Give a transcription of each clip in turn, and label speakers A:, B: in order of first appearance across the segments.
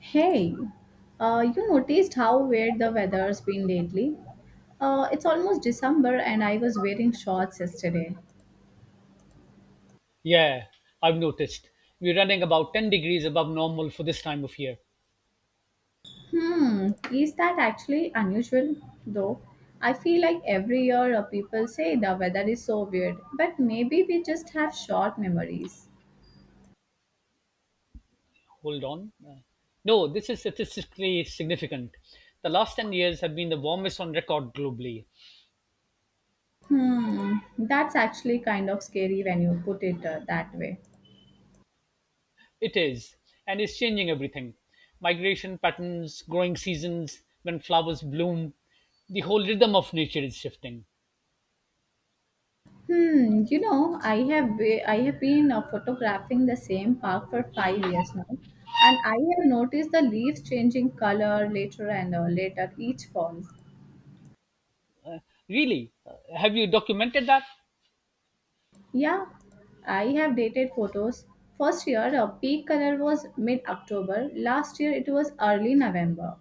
A: Hey, you noticed how weird the weather's been lately? It's almost December and I was wearing shorts yesterday.
B: Yeah, I've noticed. We're running about 10 degrees above normal for this time of year.
A: Is that actually unusual though? I feel like every year people say the weather is so weird, but maybe we just have short memories.
B: Hold on. No, this is statistically significant. The last 10 years have been the warmest on record globally.
A: That's actually kind of scary when you put it that way.
B: It is, and is changing everything migration patterns, growing seasons, when flowers bloom. The whole rhythm of nature is shifting.
A: I have been photographing the same park for 5 years now, and I have noticed the leaves changing color later and later each fall.
B: Really? Have you documented that?
A: Yeah, I have dated photos. First year, peak color was mid October. Last year, it was early November.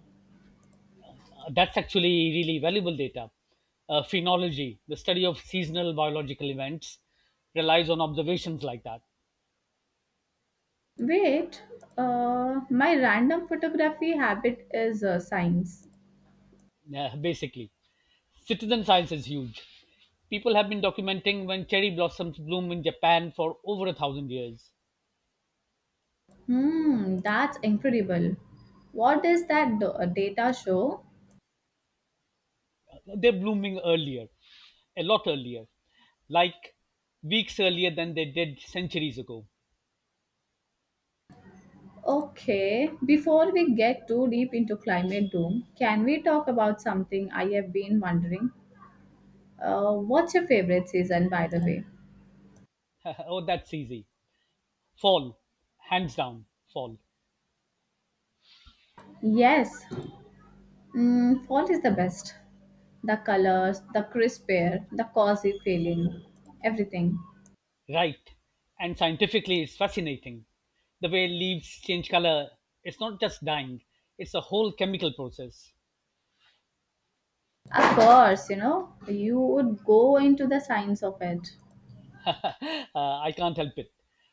B: That's actually really valuable data. Phenology, the study of seasonal biological events, relies on observations like that,
A: Wait, my random photography habit is science.
B: basically. Citizen science is huge. People have been documenting when cherry blossoms bloom in Japan for over a thousand years.
A: That's incredible. What does data show?
B: They're blooming earlier, a lot earlier, like weeks earlier than they did centuries ago.
A: Okay, before we get too deep into climate doom, can we talk about something I have been wondering? What's your favorite season, by the way?
B: Oh, that's easy. Fall, hands down, fall.
A: Yes, fall is the best. The colors, the crisp air, the cozy feeling, everything.
B: Right. And scientifically, it's fascinating. The way leaves change color, it's not just dyeing, it's a whole chemical process.
A: Of course, you would go into the science of it.
B: I can't help it.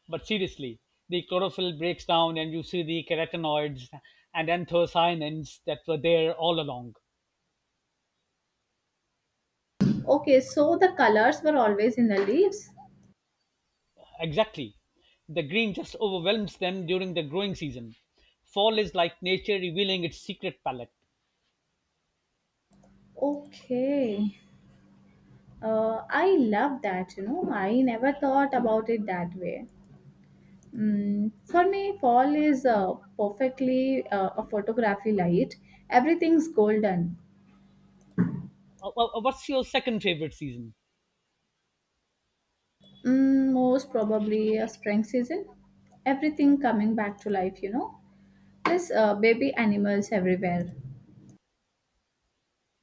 B: But seriously, the chlorophyll breaks down and you see the carotenoids and anthocyanins that were there all along.
A: Okay, so the colors were always in the leaves.
B: Exactly. The green just overwhelms them during the growing season. Fall is like nature revealing its secret palette.
A: Okay. I love that. I never thought about it that way. For me, fall is perfectly a photography light. Everything's golden.
B: What's your second favorite season?
A: Most probably a spring season. Everything coming back to life. Plus, baby animals everywhere.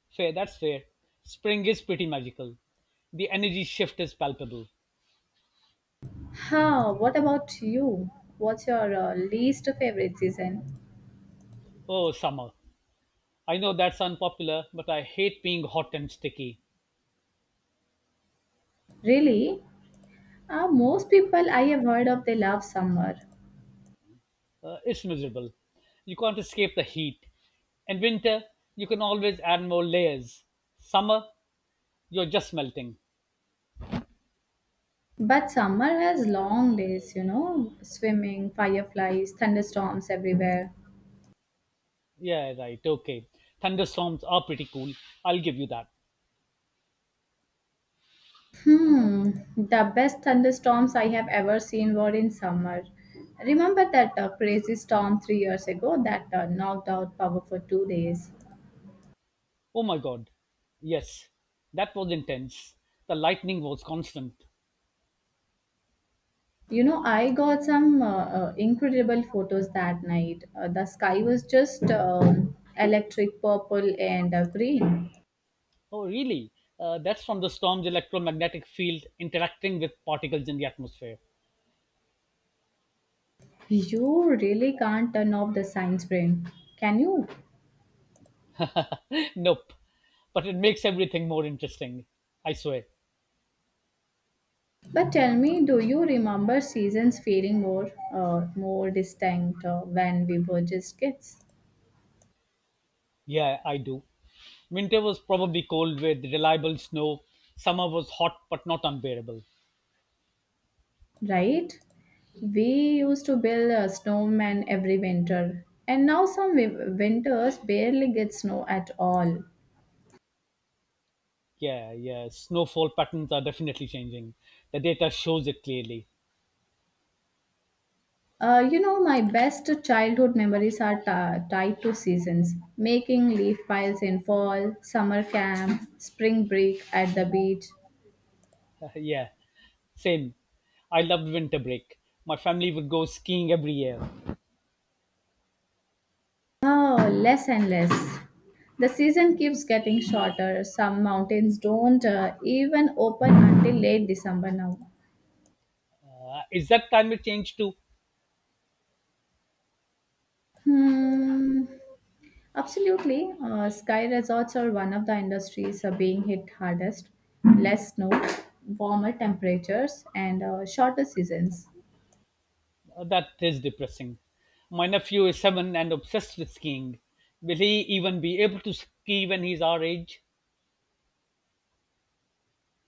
B: Fair, that's fair. Spring is pretty magical. The energy shift is palpable.
A: Ha, what about you? What's your least favorite season?
B: Oh, summer. I know that's unpopular, but I hate being hot and sticky.
A: Really? Most people I have heard of, they love summer.
B: It's miserable. You can't escape the heat. And winter, you can always add more layers. Summer, you're just melting.
A: But summer has long days, swimming, fireflies, thunderstorms everywhere.
B: Yeah, right, okay. Thunderstorms are pretty cool. I'll give you that.
A: Hmm, the best thunderstorms I have ever seen were in summer. Remember that crazy storm 3 years ago that knocked out power for 2 days?
B: Oh my god. Yes, that was intense. The lightning was constant.
A: I got some incredible photos that night. The sky was just electric purple and green.
B: Oh, really? That's from the storm's electromagnetic field interacting with particles in the atmosphere.
A: You really can't turn off the science brain, can you?
B: Nope. But it makes everything more interesting. I swear.
A: But tell me, do you remember seasons feeling more distinct when we were just kids?
B: Yeah, I do. Winter was probably cold with reliable snow. Summer was hot but not unbearable.
A: Right? We used to build a snowman every winter, and now some winters barely get snow at all.
B: Yeah, yeah. Snowfall patterns are definitely changing. The data shows it clearly.
A: My best childhood memories are tied to seasons making leaf piles in fall, summer camp, spring break at the beach.
B: Yeah, same. I loved winter break. My family would go skiing every year.
A: Oh, less and less. The season keeps getting shorter. Some mountains don't even open until late December now.
B: Is that climate change too?
A: Hmm. Absolutely. Sky resorts are one of the industries being hit hardest. Less snow, warmer temperatures, and shorter seasons.
B: That is depressing. My nephew is seven and obsessed with skiing. Will he even be able to ski when he's our age?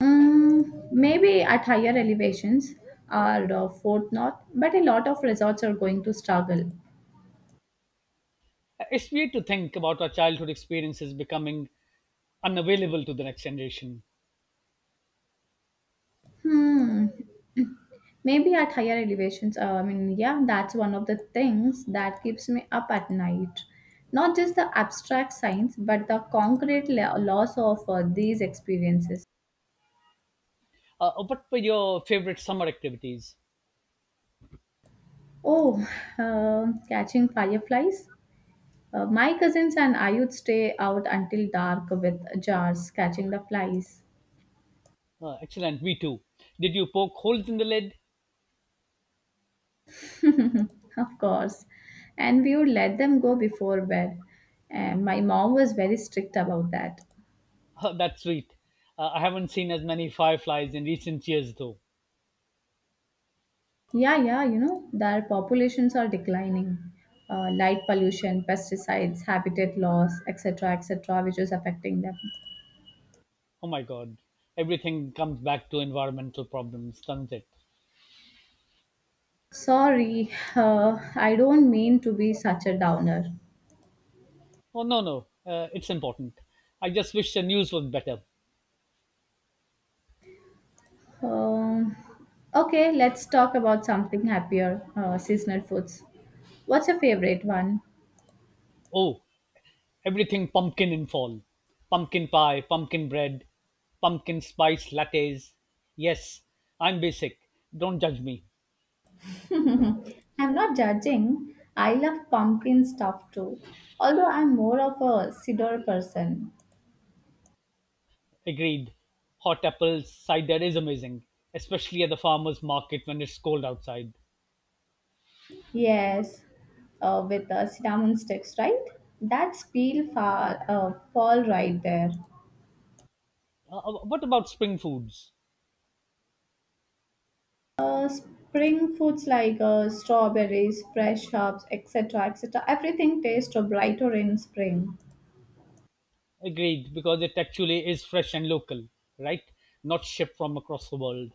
A: Maybe at higher elevations or Fort North, but a lot of resorts are going to struggle.
B: It's weird to think about our childhood experiences becoming unavailable to the next generation.
A: Hmm. Maybe at higher elevations. I mean, yeah, that's one of the things that keeps me up at night. Not just the abstract science, but the concrete loss of these experiences.
B: What were your favorite summer activities?
A: Oh, catching fireflies. My cousins and I would stay out until dark with jars catching the flies.
B: Excellent, me too. Did you poke holes in the lid?
A: Of course. And we would let them go before bed. And my mom was very strict about that.
B: That's sweet. I haven't seen as many fireflies in recent years, though.
A: Yeah, yeah, their populations are declining. Light pollution, pesticides, habitat loss, etc., etc., which is affecting them.
B: Oh my god, everything comes back to environmental problems, doesn't it?
A: Sorry, I don't mean to be such a downer.
B: Oh, no, no. It's important. I just wish the news was better.
A: Um, okay, let's talk about something happier seasonal foods. What's your favorite one?
B: Oh, everything pumpkin in fall. Pumpkin pie, pumpkin bread, pumpkin spice lattes. Yes, I'm basic. Don't judge me.
A: I'm not judging. I love pumpkin stuff too, although I'm more of a cedar person.
B: Agreed. Hot apples, cider is amazing, especially at the farmer's market when it's cold outside.
A: Yes, with cinnamon sticks, right? That's peel fall right there.
B: What about spring foods?
A: Spring foods like strawberries, fresh herbs, etc., etc. Everything tastes brighter in spring.
B: Agreed, because it actually is fresh and local, right? Not shipped from across the world.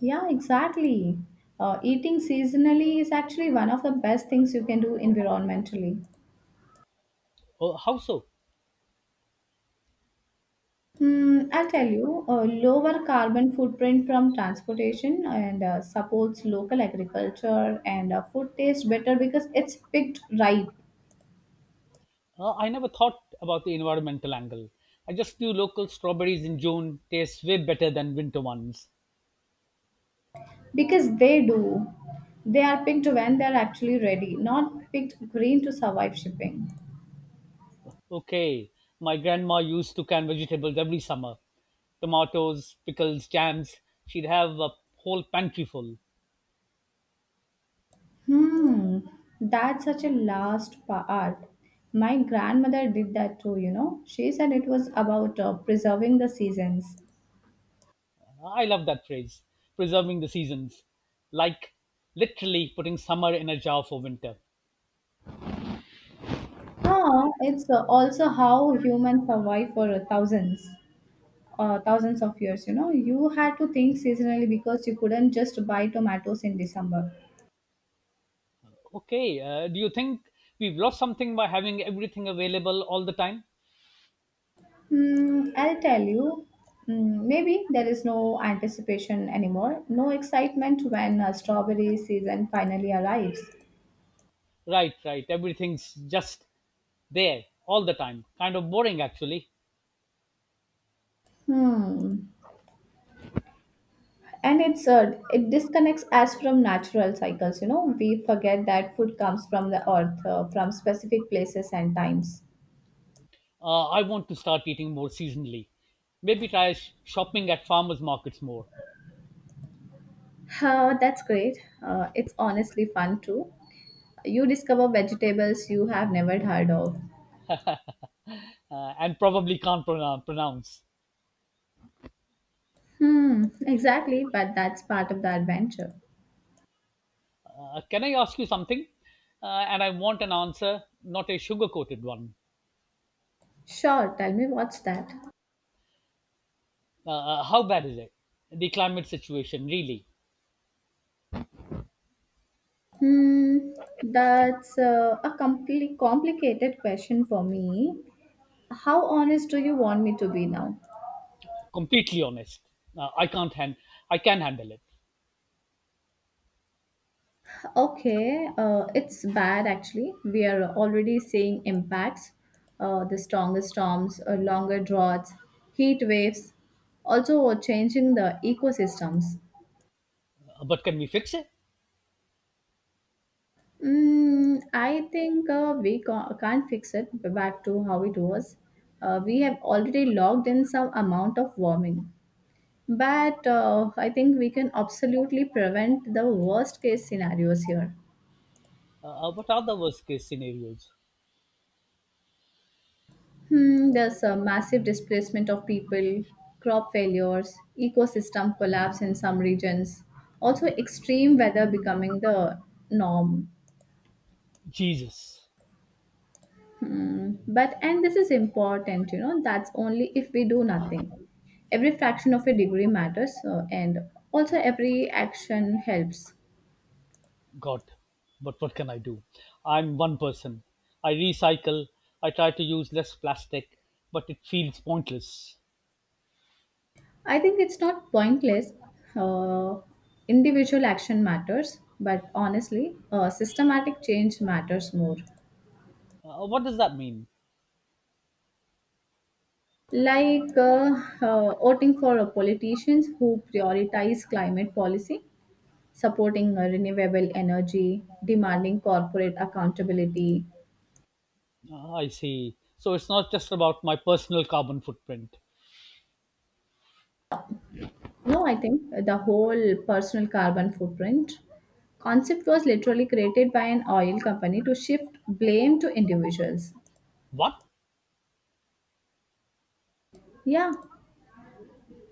A: Yeah, exactly. Eating seasonally is actually one of the best things you can do environmentally.
B: Oh, how so?
A: I'll tell you, a lower carbon footprint from transportation and supports local agriculture and food tastes better because it's picked ripe.
B: I never thought about the environmental angle. I just knew local strawberries in June taste way better than winter ones.
A: Because they do. They are picked when they're actually ready, not picked green to survive shipping.
B: Okay, my grandma used to can vegetables every summer tomatoes, pickles, jams. She'd have a whole pantry full.
A: Hmm, that's such a last part. My grandmother did that too. She said it was about preserving the seasons.
B: I love that phrase preserving the seasons, like literally putting summer in a jar for winter.
A: Ah, it's also how humans survive for thousands of years, you know. You had to think seasonally because you couldn't just buy tomatoes in December.
B: Okay, do you think we've lost something by having everything available all the time?
A: I'll tell you. Maybe there is no anticipation anymore, no excitement when strawberry season finally arrives.
B: Right, right. Everything's just there, all the time. Kind of boring, actually.
A: Hmm. And it disconnects us from natural cycles. We forget that food comes from the earth, from specific places and times.
B: I want to start eating more seasonally. Maybe try shopping at farmers markets more.
A: That's great. It's honestly fun too. You discover vegetables you have never heard of.
B: And probably can't pronounce.
A: Exactly, but that's part of the adventure.
B: Can I ask you something? And I want an answer, not a sugar coated one.
A: Sure, tell me, what's that?
B: How bad is it? The climate situation, really.
A: Hmm, that's a complicated question for me. How honest do you want me to be now?
B: Completely honest. I can't hand- I can handle it.
A: Okay, it's bad actually. We are already seeing impacts. The stronger storms, longer droughts, heat waves, also changing the ecosystems.
B: But can we fix it?
A: I think we can't fix it back to how it was. We have already logged in some amount of warming. But I think we can absolutely prevent the worst case scenarios here.
B: What are the worst case scenarios?
A: There's a massive displacement of people, crop failures, ecosystem collapse in some regions, also extreme weather becoming the norm.
B: Jesus.
A: Hmm. But, and this is important, that's only if we do nothing. Every fraction of a degree matters, so, and also every action helps.
B: God, but what can I do? I'm one person. I recycle. I try to use less plastic, but it feels pointless.
A: I think it's not pointless. Uh, Individual action matters, but honestly, systematic change matters more.
B: What does that mean?
A: Like voting for a politicians who prioritize climate policy, supporting renewable energy, demanding corporate accountability.
B: I see. So it's not just about my personal carbon footprint.
A: No, I think the whole personal carbon footprint concept was literally created by an oil company to shift blame to individuals.
B: What?
A: Yeah,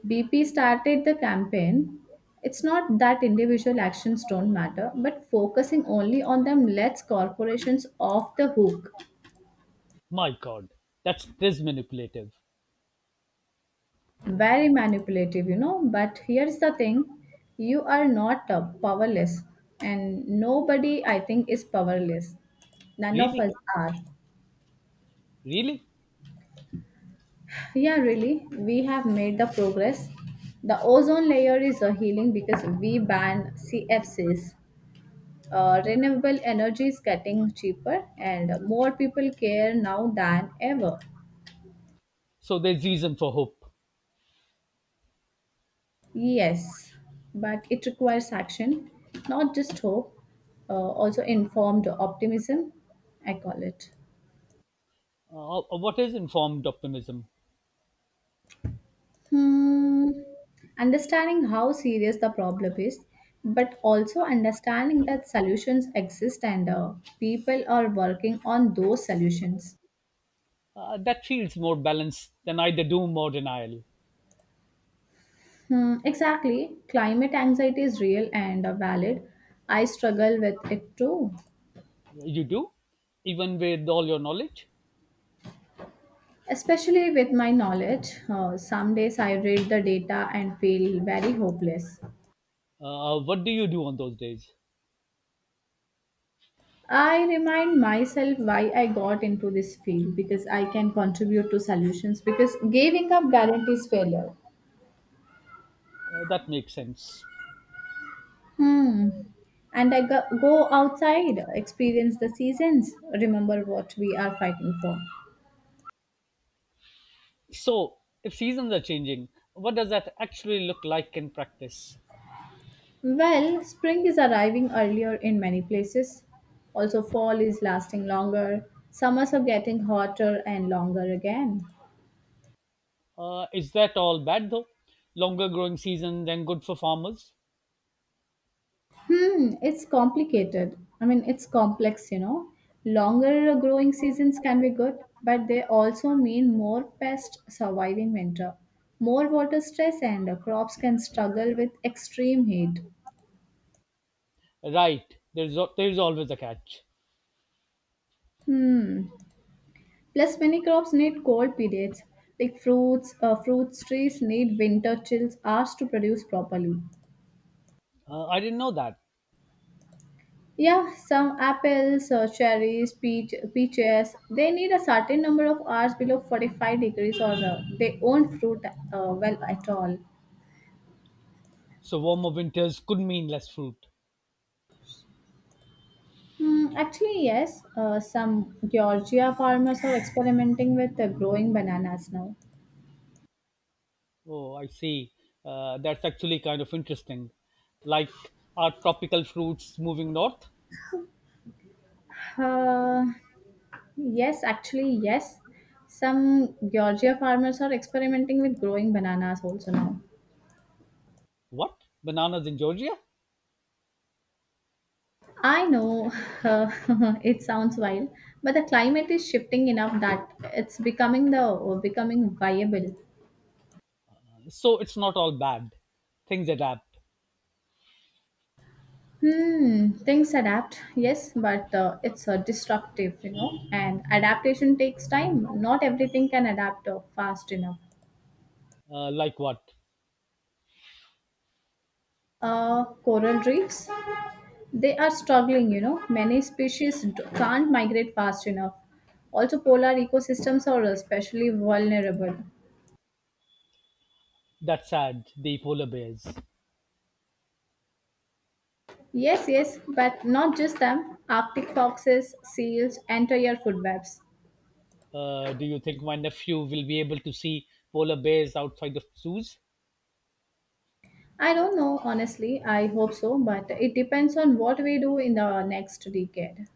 A: BP started the campaign. It's not that individual actions don't matter, but focusing only on them lets corporations off the hook.
B: My God, that's this manipulative.
A: Very manipulative. But here's the thing: you are not powerless, and nobody, I think, is powerless. None of
B: Really?
A: us are.
B: Really?
A: Yeah, really. We have made the progress. The ozone layer is a healing because we ban CFCs. Renewable energy is getting cheaper, and more people care now than ever.
B: So there's reason for hope.
A: Yes, but it requires action, not just hope, also informed optimism, I call it.
B: What is informed optimism?
A: Hmm. Understanding how serious the problem is, but also understanding that solutions exist and people are working on those solutions.
B: That feels more balanced than either doom or denial.
A: Hmm, exactly. Climate anxiety is real and valid. I struggle with it too.
B: You do? Even with all your knowledge?
A: Especially with my knowledge, some days I read the data and feel very hopeless.
B: What do you do on those days?
A: I remind myself why I got into this field because I can contribute to solutions because giving up guarantees failure.
B: That makes sense.
A: Hmm. And I go outside, experience the seasons, remember what we are fighting for.
B: So, if seasons are changing, what does that actually look like in practice?
A: Well, spring is arriving earlier in many places. Also, fall is lasting longer. Summers are getting hotter and longer again.
B: Is that all bad though? Longer growing season then good for farmers?
A: It's complicated. I mean, it's complex. Longer growing seasons can be good, but they also mean more pests surviving winter, more water stress, and crops can struggle with extreme heat.
B: Right, there's always a catch.
A: Hmm. Plus, many crops need cold periods, like fruits. Fruits trees need winter chills hours to produce properly.
B: I didn't know that.
A: Yeah, some apples, cherries, peaches, they need a certain number of hours below 45 degrees or they won't fruit well at all.
B: So, warmer winters could mean less fruit.
A: Actually, yes, some Georgia farmers are experimenting with growing bananas now.
B: Oh, I see. That's actually kind of interesting. Like, are tropical fruits moving north?
A: Uh, yes, actually, yes, some Georgia farmers are experimenting with growing bananas also now.
B: What? Bananas in Georgia?
A: I know uh, it sounds wild, but the climate is shifting enough that it's becoming viable.
B: So, it's not all bad things adapt.
A: Things adapt, yes, but it's destructive, you know. And adaptation takes time. Not everything can adapt fast enough.
B: Like what?
A: Coral reefs, they are struggling. Many species can't migrate fast enough. Also, polar ecosystems are especially vulnerable.
B: That's sad. The polar bears.
A: Yes, yes, but not just them. Arctic foxes, seals, entire food webs.
B: Do you think my nephew will be able to see polar bears outside of zoos?
A: I don't know, honestly. I hope so, but it depends on what we do in the next decade.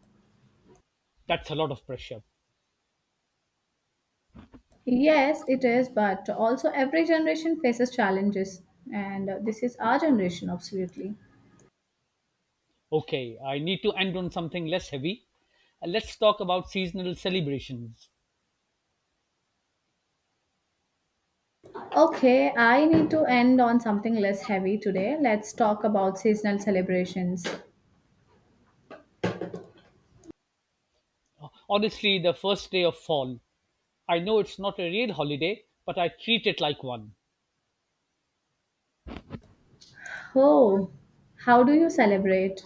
B: That's a lot of pressure.
A: Yes, it is, but also every generation faces challenges, and this is our generation, absolutely.
B: Okay, I need to end on something less heavy. Let's talk about seasonal celebrations.
A: Okay, I need to end on something less heavy today. Let's talk about seasonal celebrations.
B: Honestly, the first day of fall. I know it's not a real holiday, but I treat it like one.
A: Oh, how do you celebrate?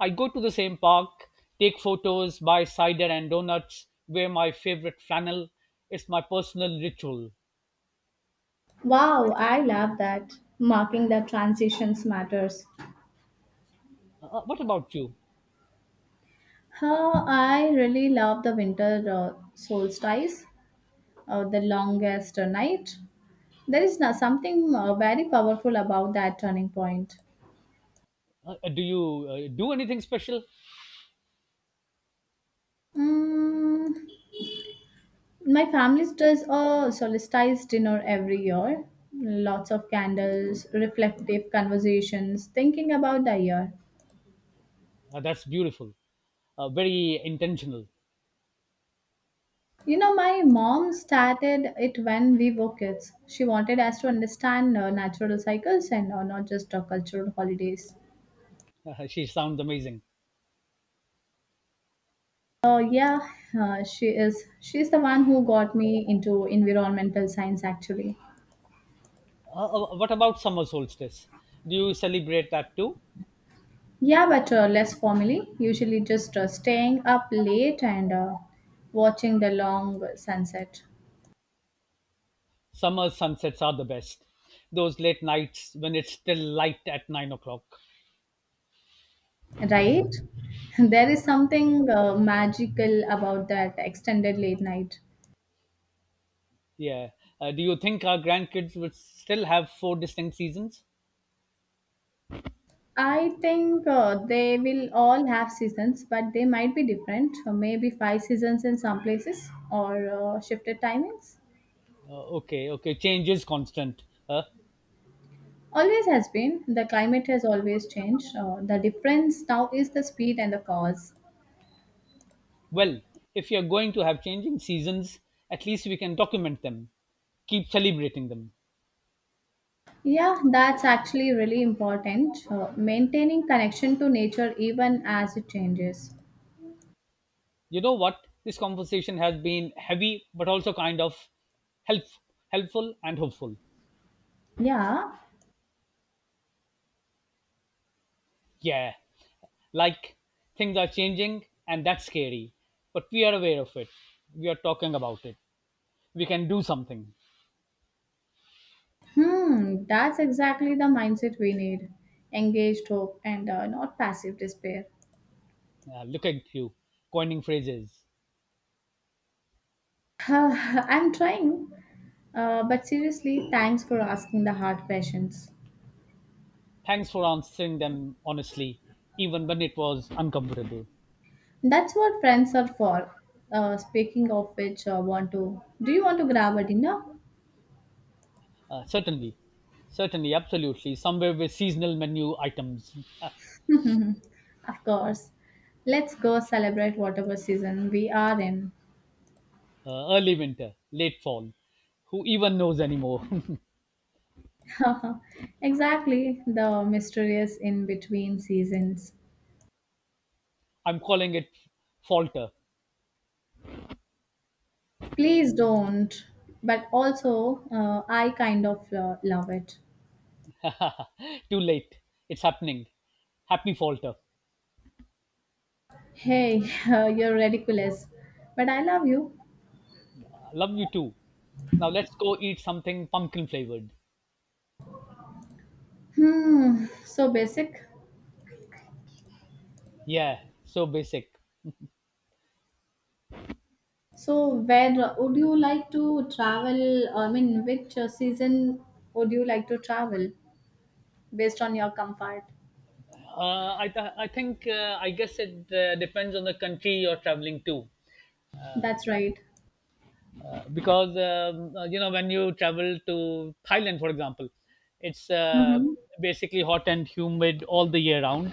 B: I go to the same park, take photos, buy cider and donuts, wear my favorite flannel. It's my personal ritual.
A: Wow, I love that. Marking the transitions matters.
B: What about you?
A: Huh, I really love the winter solstice, the longest night. There is no, something very powerful about that turning point.
B: Do anything special?
A: Mm, my family does a solstice dinner every year. Lots of candles, reflective conversations, thinking about the year.
B: That's beautiful. Very intentional.
A: My mom started it when we were kids. She wanted us to understand natural cycles and not just cultural holidays.
B: She sounds amazing.
A: Yeah, she is. She's the one who got me into environmental science, actually.
B: What about summer solstice? Do you celebrate that too?
A: Yeah, but less formally. Usually, just staying up late and watching the long sunset.
B: Summer sunsets are the best. Those late nights when it's still light at 9 o'clock.
A: Right? There is something magical about that extended late night.
B: Yeah. Do you think our grandkids would still have four distinct seasons?
A: I think they will all have seasons, but they might be different. So maybe five seasons in some places or shifted timings.
B: Uh, okay, okay. Change is constant.
A: Always has been. The climate has always changed. The difference now is the speed and the cause.
B: Well, if you're going to have changing seasons, at least we can document them, keep celebrating them.
A: Yeah, that's actually really important. Maintaining connection to nature even as it changes.
B: You know what, this conversation has been heavy but also kind of help, helpful and hopeful.
A: Yeah,
B: Yeah, like things are changing and that's scary, but we are aware of it, we are talking about it, we can do something.
A: that's exactly the mindset we need. Engaged hope and not passive despair.
B: Yeah, look at you coining phrases.
A: I'm trying. But seriously, thanks for asking the hard questions.
B: Thanks for answering them honestly even when it was uncomfortable.
A: That's what friends are for. Speaking of which, want to do you want to grab a dinner?
B: Certainly, absolutely somewhere with seasonal menu items. uh,
A: Of course. Let's go celebrate whatever season we are in.
B: Early winter, late fall, who even knows anymore.
A: Exactly, the mysterious in between seasons.
B: I'm calling it falter.
A: Please don't. But also, I kind of love it.
B: Too late. It's happening. Happy falter.
A: Hey, you're ridiculous, but I love you.
B: Love you too. Now let's go eat something pumpkin flavored.
A: So basic.
B: Yeah, so basic.
A: So where would you like to travel? I mean, which season would you like to travel based on your comfort?
B: I, th- I think, I guess it depends on the country you're traveling to.
A: That's right.
B: Because You know when you travel to Thailand, for example, it's
A: Mm-hmm.
B: basically hot and humid all the year round,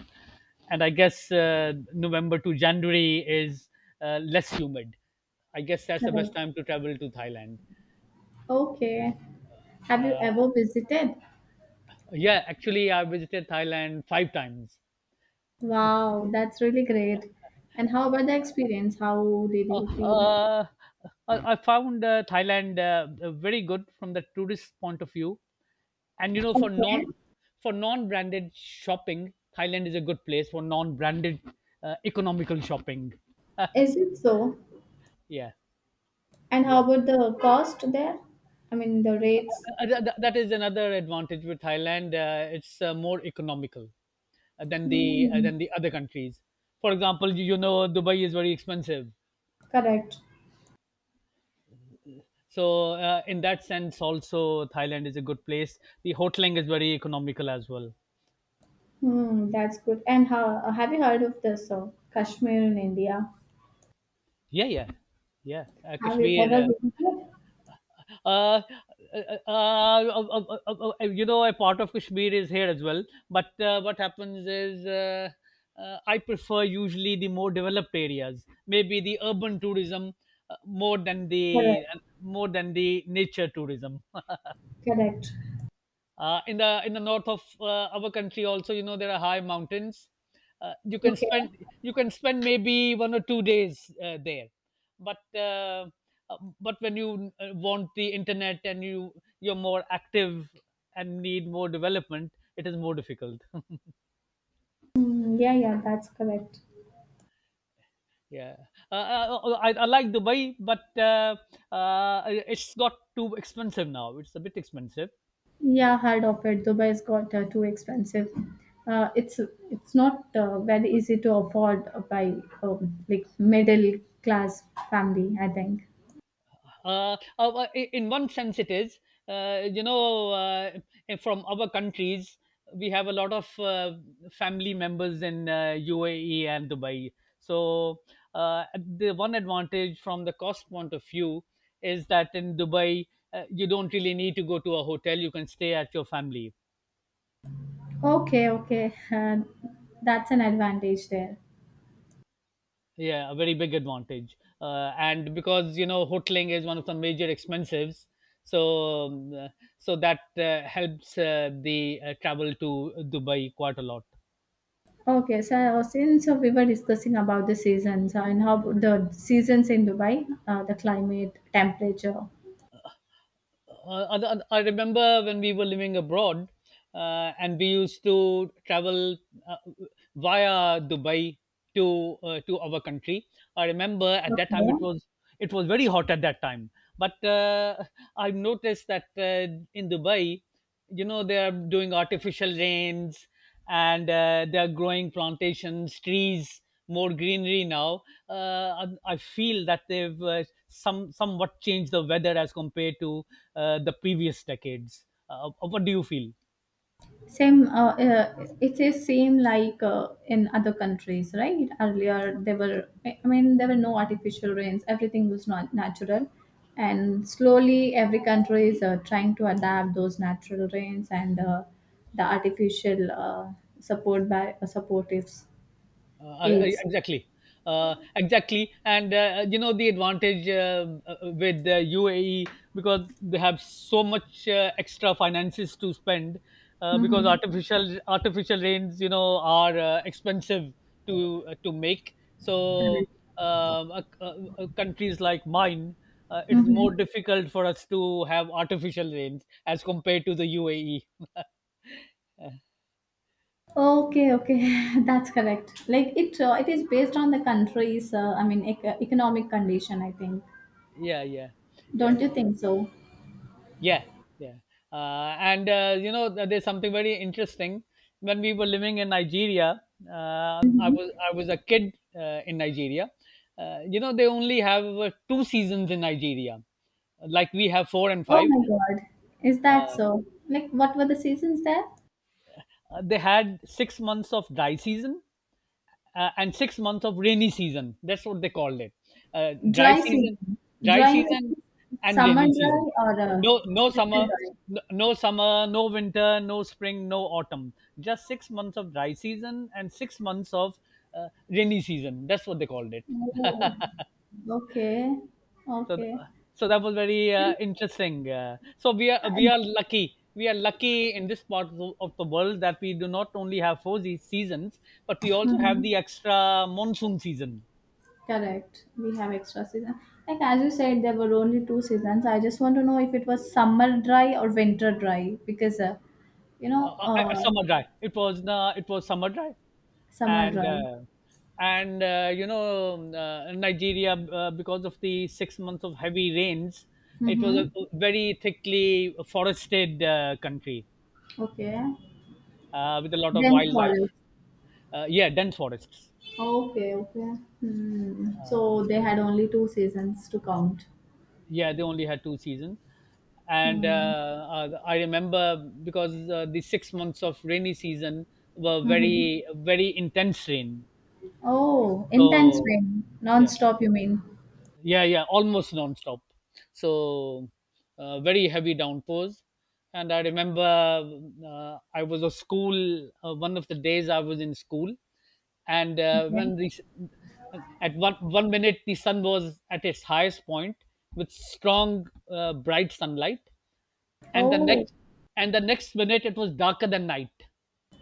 B: and I guess November to January is less humid. I guess that's the
A: Correct.
B: best time to travel to Thailand.
A: Okay. Have you
B: Uh,
A: ever visited?
B: yeah, actually, I visited Thailand five times. Bec-
A: Wow, that's really great. And how about the experience? How did you
B: Uh,
A: feel?
B: uh, I found Thailand very good from the tourist point of view. And you know,
A: Okay.
B: for non-branded shopping, Thailand is a good place for non-branded economical shopping.
A: Is it so?
B: Yeah,
A: And how
B: yeah.
A: about the cost there? I mean, the rates?
B: That is another advantage with Thailand. It's more economical
A: Hmm.
B: than the other countries. For example, you know, Dubai is very expensive.
A: Correct.
B: So in that sense, also Thailand is a good place. The hoteling is very economical as well.
A: That's good. And how, have you heard of this Kashmir in India?
B: Yeah, yeah, yeah.
A: Have you ever
B: Kashmir.
A: visited?
B: Uh, uh, you know, a part of Kashmir is here as well. But what happens is, I prefer usually the more developed areas, maybe the urban tourism
A: Correct.
B: more than the nature tourism
A: Correct.
B: in the north of our country also. You know there are high mountains, uh, you can
A: Okay.
B: spend you can spend maybe 1 or 2 days there, but uh, but when you want the internet and you're more active and need more development, it is more difficult.
A: Hmm, yeah, yeah, that's correct.
B: Yeah. I like dubai, but it's got too expensive now, it's a bit expensive.
A: Yeah, heard of it. Dubai has got too expensive. Uh, it's it's not very easy to afford by like middle class family. I think.
B: In one sense it is, you know, from our countries we have a lot of family members in UAE and dubai, so uh, the one advantage from the cost point of view is that in dubai, you don't really need to go to a hotel, you can stay at your family.
A: Okay, okay, that's an advantage there.
B: Yeah, a very big advantage. And because you know hoteling is one of the major expenses, so um, uh, so that helps the travel to Dubai quite a lot.
A: Okay, so since we were discussing about the seasons and how the seasons in Dubai, the climate, temperature.
B: Remember when we were living abroad and we used to travel uh, via Dubai to our country. I remember at that time it
A: Okay.
B: was very hot at that time, but I've noticed that in Dubai, you know, they are doing artificial rains and they are growing plantations, trees, more greenery now. I feel that they've somewhat changed the weather as compared to the previous decades. What do you feel?
A: Same, it is same like in other countries, right? Earlier, there were, I mean, there were no artificial rains. Everything was not natural, and slowly every country is trying to adapt those natural rains and the artificial support by supportive aids.
B: Exactly. Exactly, and you know the advantage with the UAE because they have so much extra finances to spend because
A: Mm-hmm.
B: artificial rains, you know, are expensive to make.
A: Correct.
B: Um, uh, uh, Countries like mine, it is
A: Mm-hmm.
B: more difficult for us to have artificial rains as compared to the UAE.
A: Okay, okay, that's correct. Like it is based on the country's, I mean, economic condition. I think,
B: Yeah, yeah,
A: don't
B: yeah.
A: you think so?
B: Yeah, yeah. And you know, there's something very interesting. When we were living in Nigeria,
A: hmm
B: I was a kid in Nigeria. You know, they only have two seasons in Nigeria, like we have four and
A: Oh
B: five.
A: my God, is that
B: Uh,
A: so? Like, what were the seasons there?
B: they had 6 months of dry season and 6 months of rainy season. That's what they called it. Uh, dry
A: Dry season,
B: season, dry
A: dry, means
B: season, and
A: summer
B: rainy
A: dry
B: season.
A: or
B: No, no
A: winter
B: summer,
A: dry?
B: no, no summer, no winter, no spring, no autumn. Just 6 months of dry season and 6 months of rainy season. That's what they called it.
A: Oh, okay,
B: So, th-
A: okay.
B: so that was very
A: Like,
B: interesting. We
A: uh,
B: are lucky. We are lucky in this part of the world that we do not only have four seasons, but we also have
A: mhm.
B: the extra monsoon season.
A: Correct. We have extra season. Like as you said, there were only two seasons. I just want to know if it was summer dry or winter dry because you know uh,
B: Summer drive. It was summer drive,
A: summer
B: and
A: dry.
B: uh, and you know Nigeria, because of the 6 months of heavy rains, it was a
A: Mm-hmm.
B: very thickly forested country
A: Okay.
B: with a lot of
A: Then
B: wildlife.
A: forest.
B: Yeah, dense forests.
A: Okay. Okay. Hmm. So they had only two seasons to count.
B: Yeah, they only had two seasons, and
A: Hmm.
B: I remember because the 6 months of rainy season were
A: Mm-hmm.
B: very intense rain.
A: Oh, intense
B: So
A: rain,
B: yeah.
A: non-stop. You mean?
B: Yeah, yeah, almost non-stop. So very heavy downpours. And I remember I was a school. One of the days I was in school, and
A: Okay.
B: when the at 1 minute the sun was at its highest point with strong, bright sunlight, and the
A: Oh.
B: next and the next minute it was darker than night.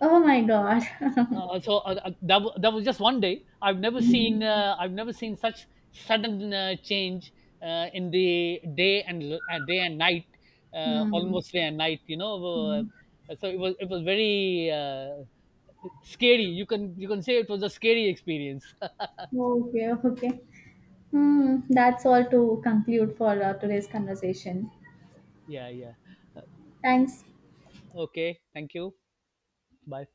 A: Oh my God.
B: That was just one day.
A: Hmm.
B: I've never seen such sudden change in the day and l- day and night,
A: Hmm.
B: almost day and night. You know,
A: Hmm.
B: so it was very scary. You can say it was a scary experience.
A: Okay, okay. That's all to conclude for today's conversation.
B: Yeah, yeah. Uh,
A: Thanks.
B: okay, thank you. Bye.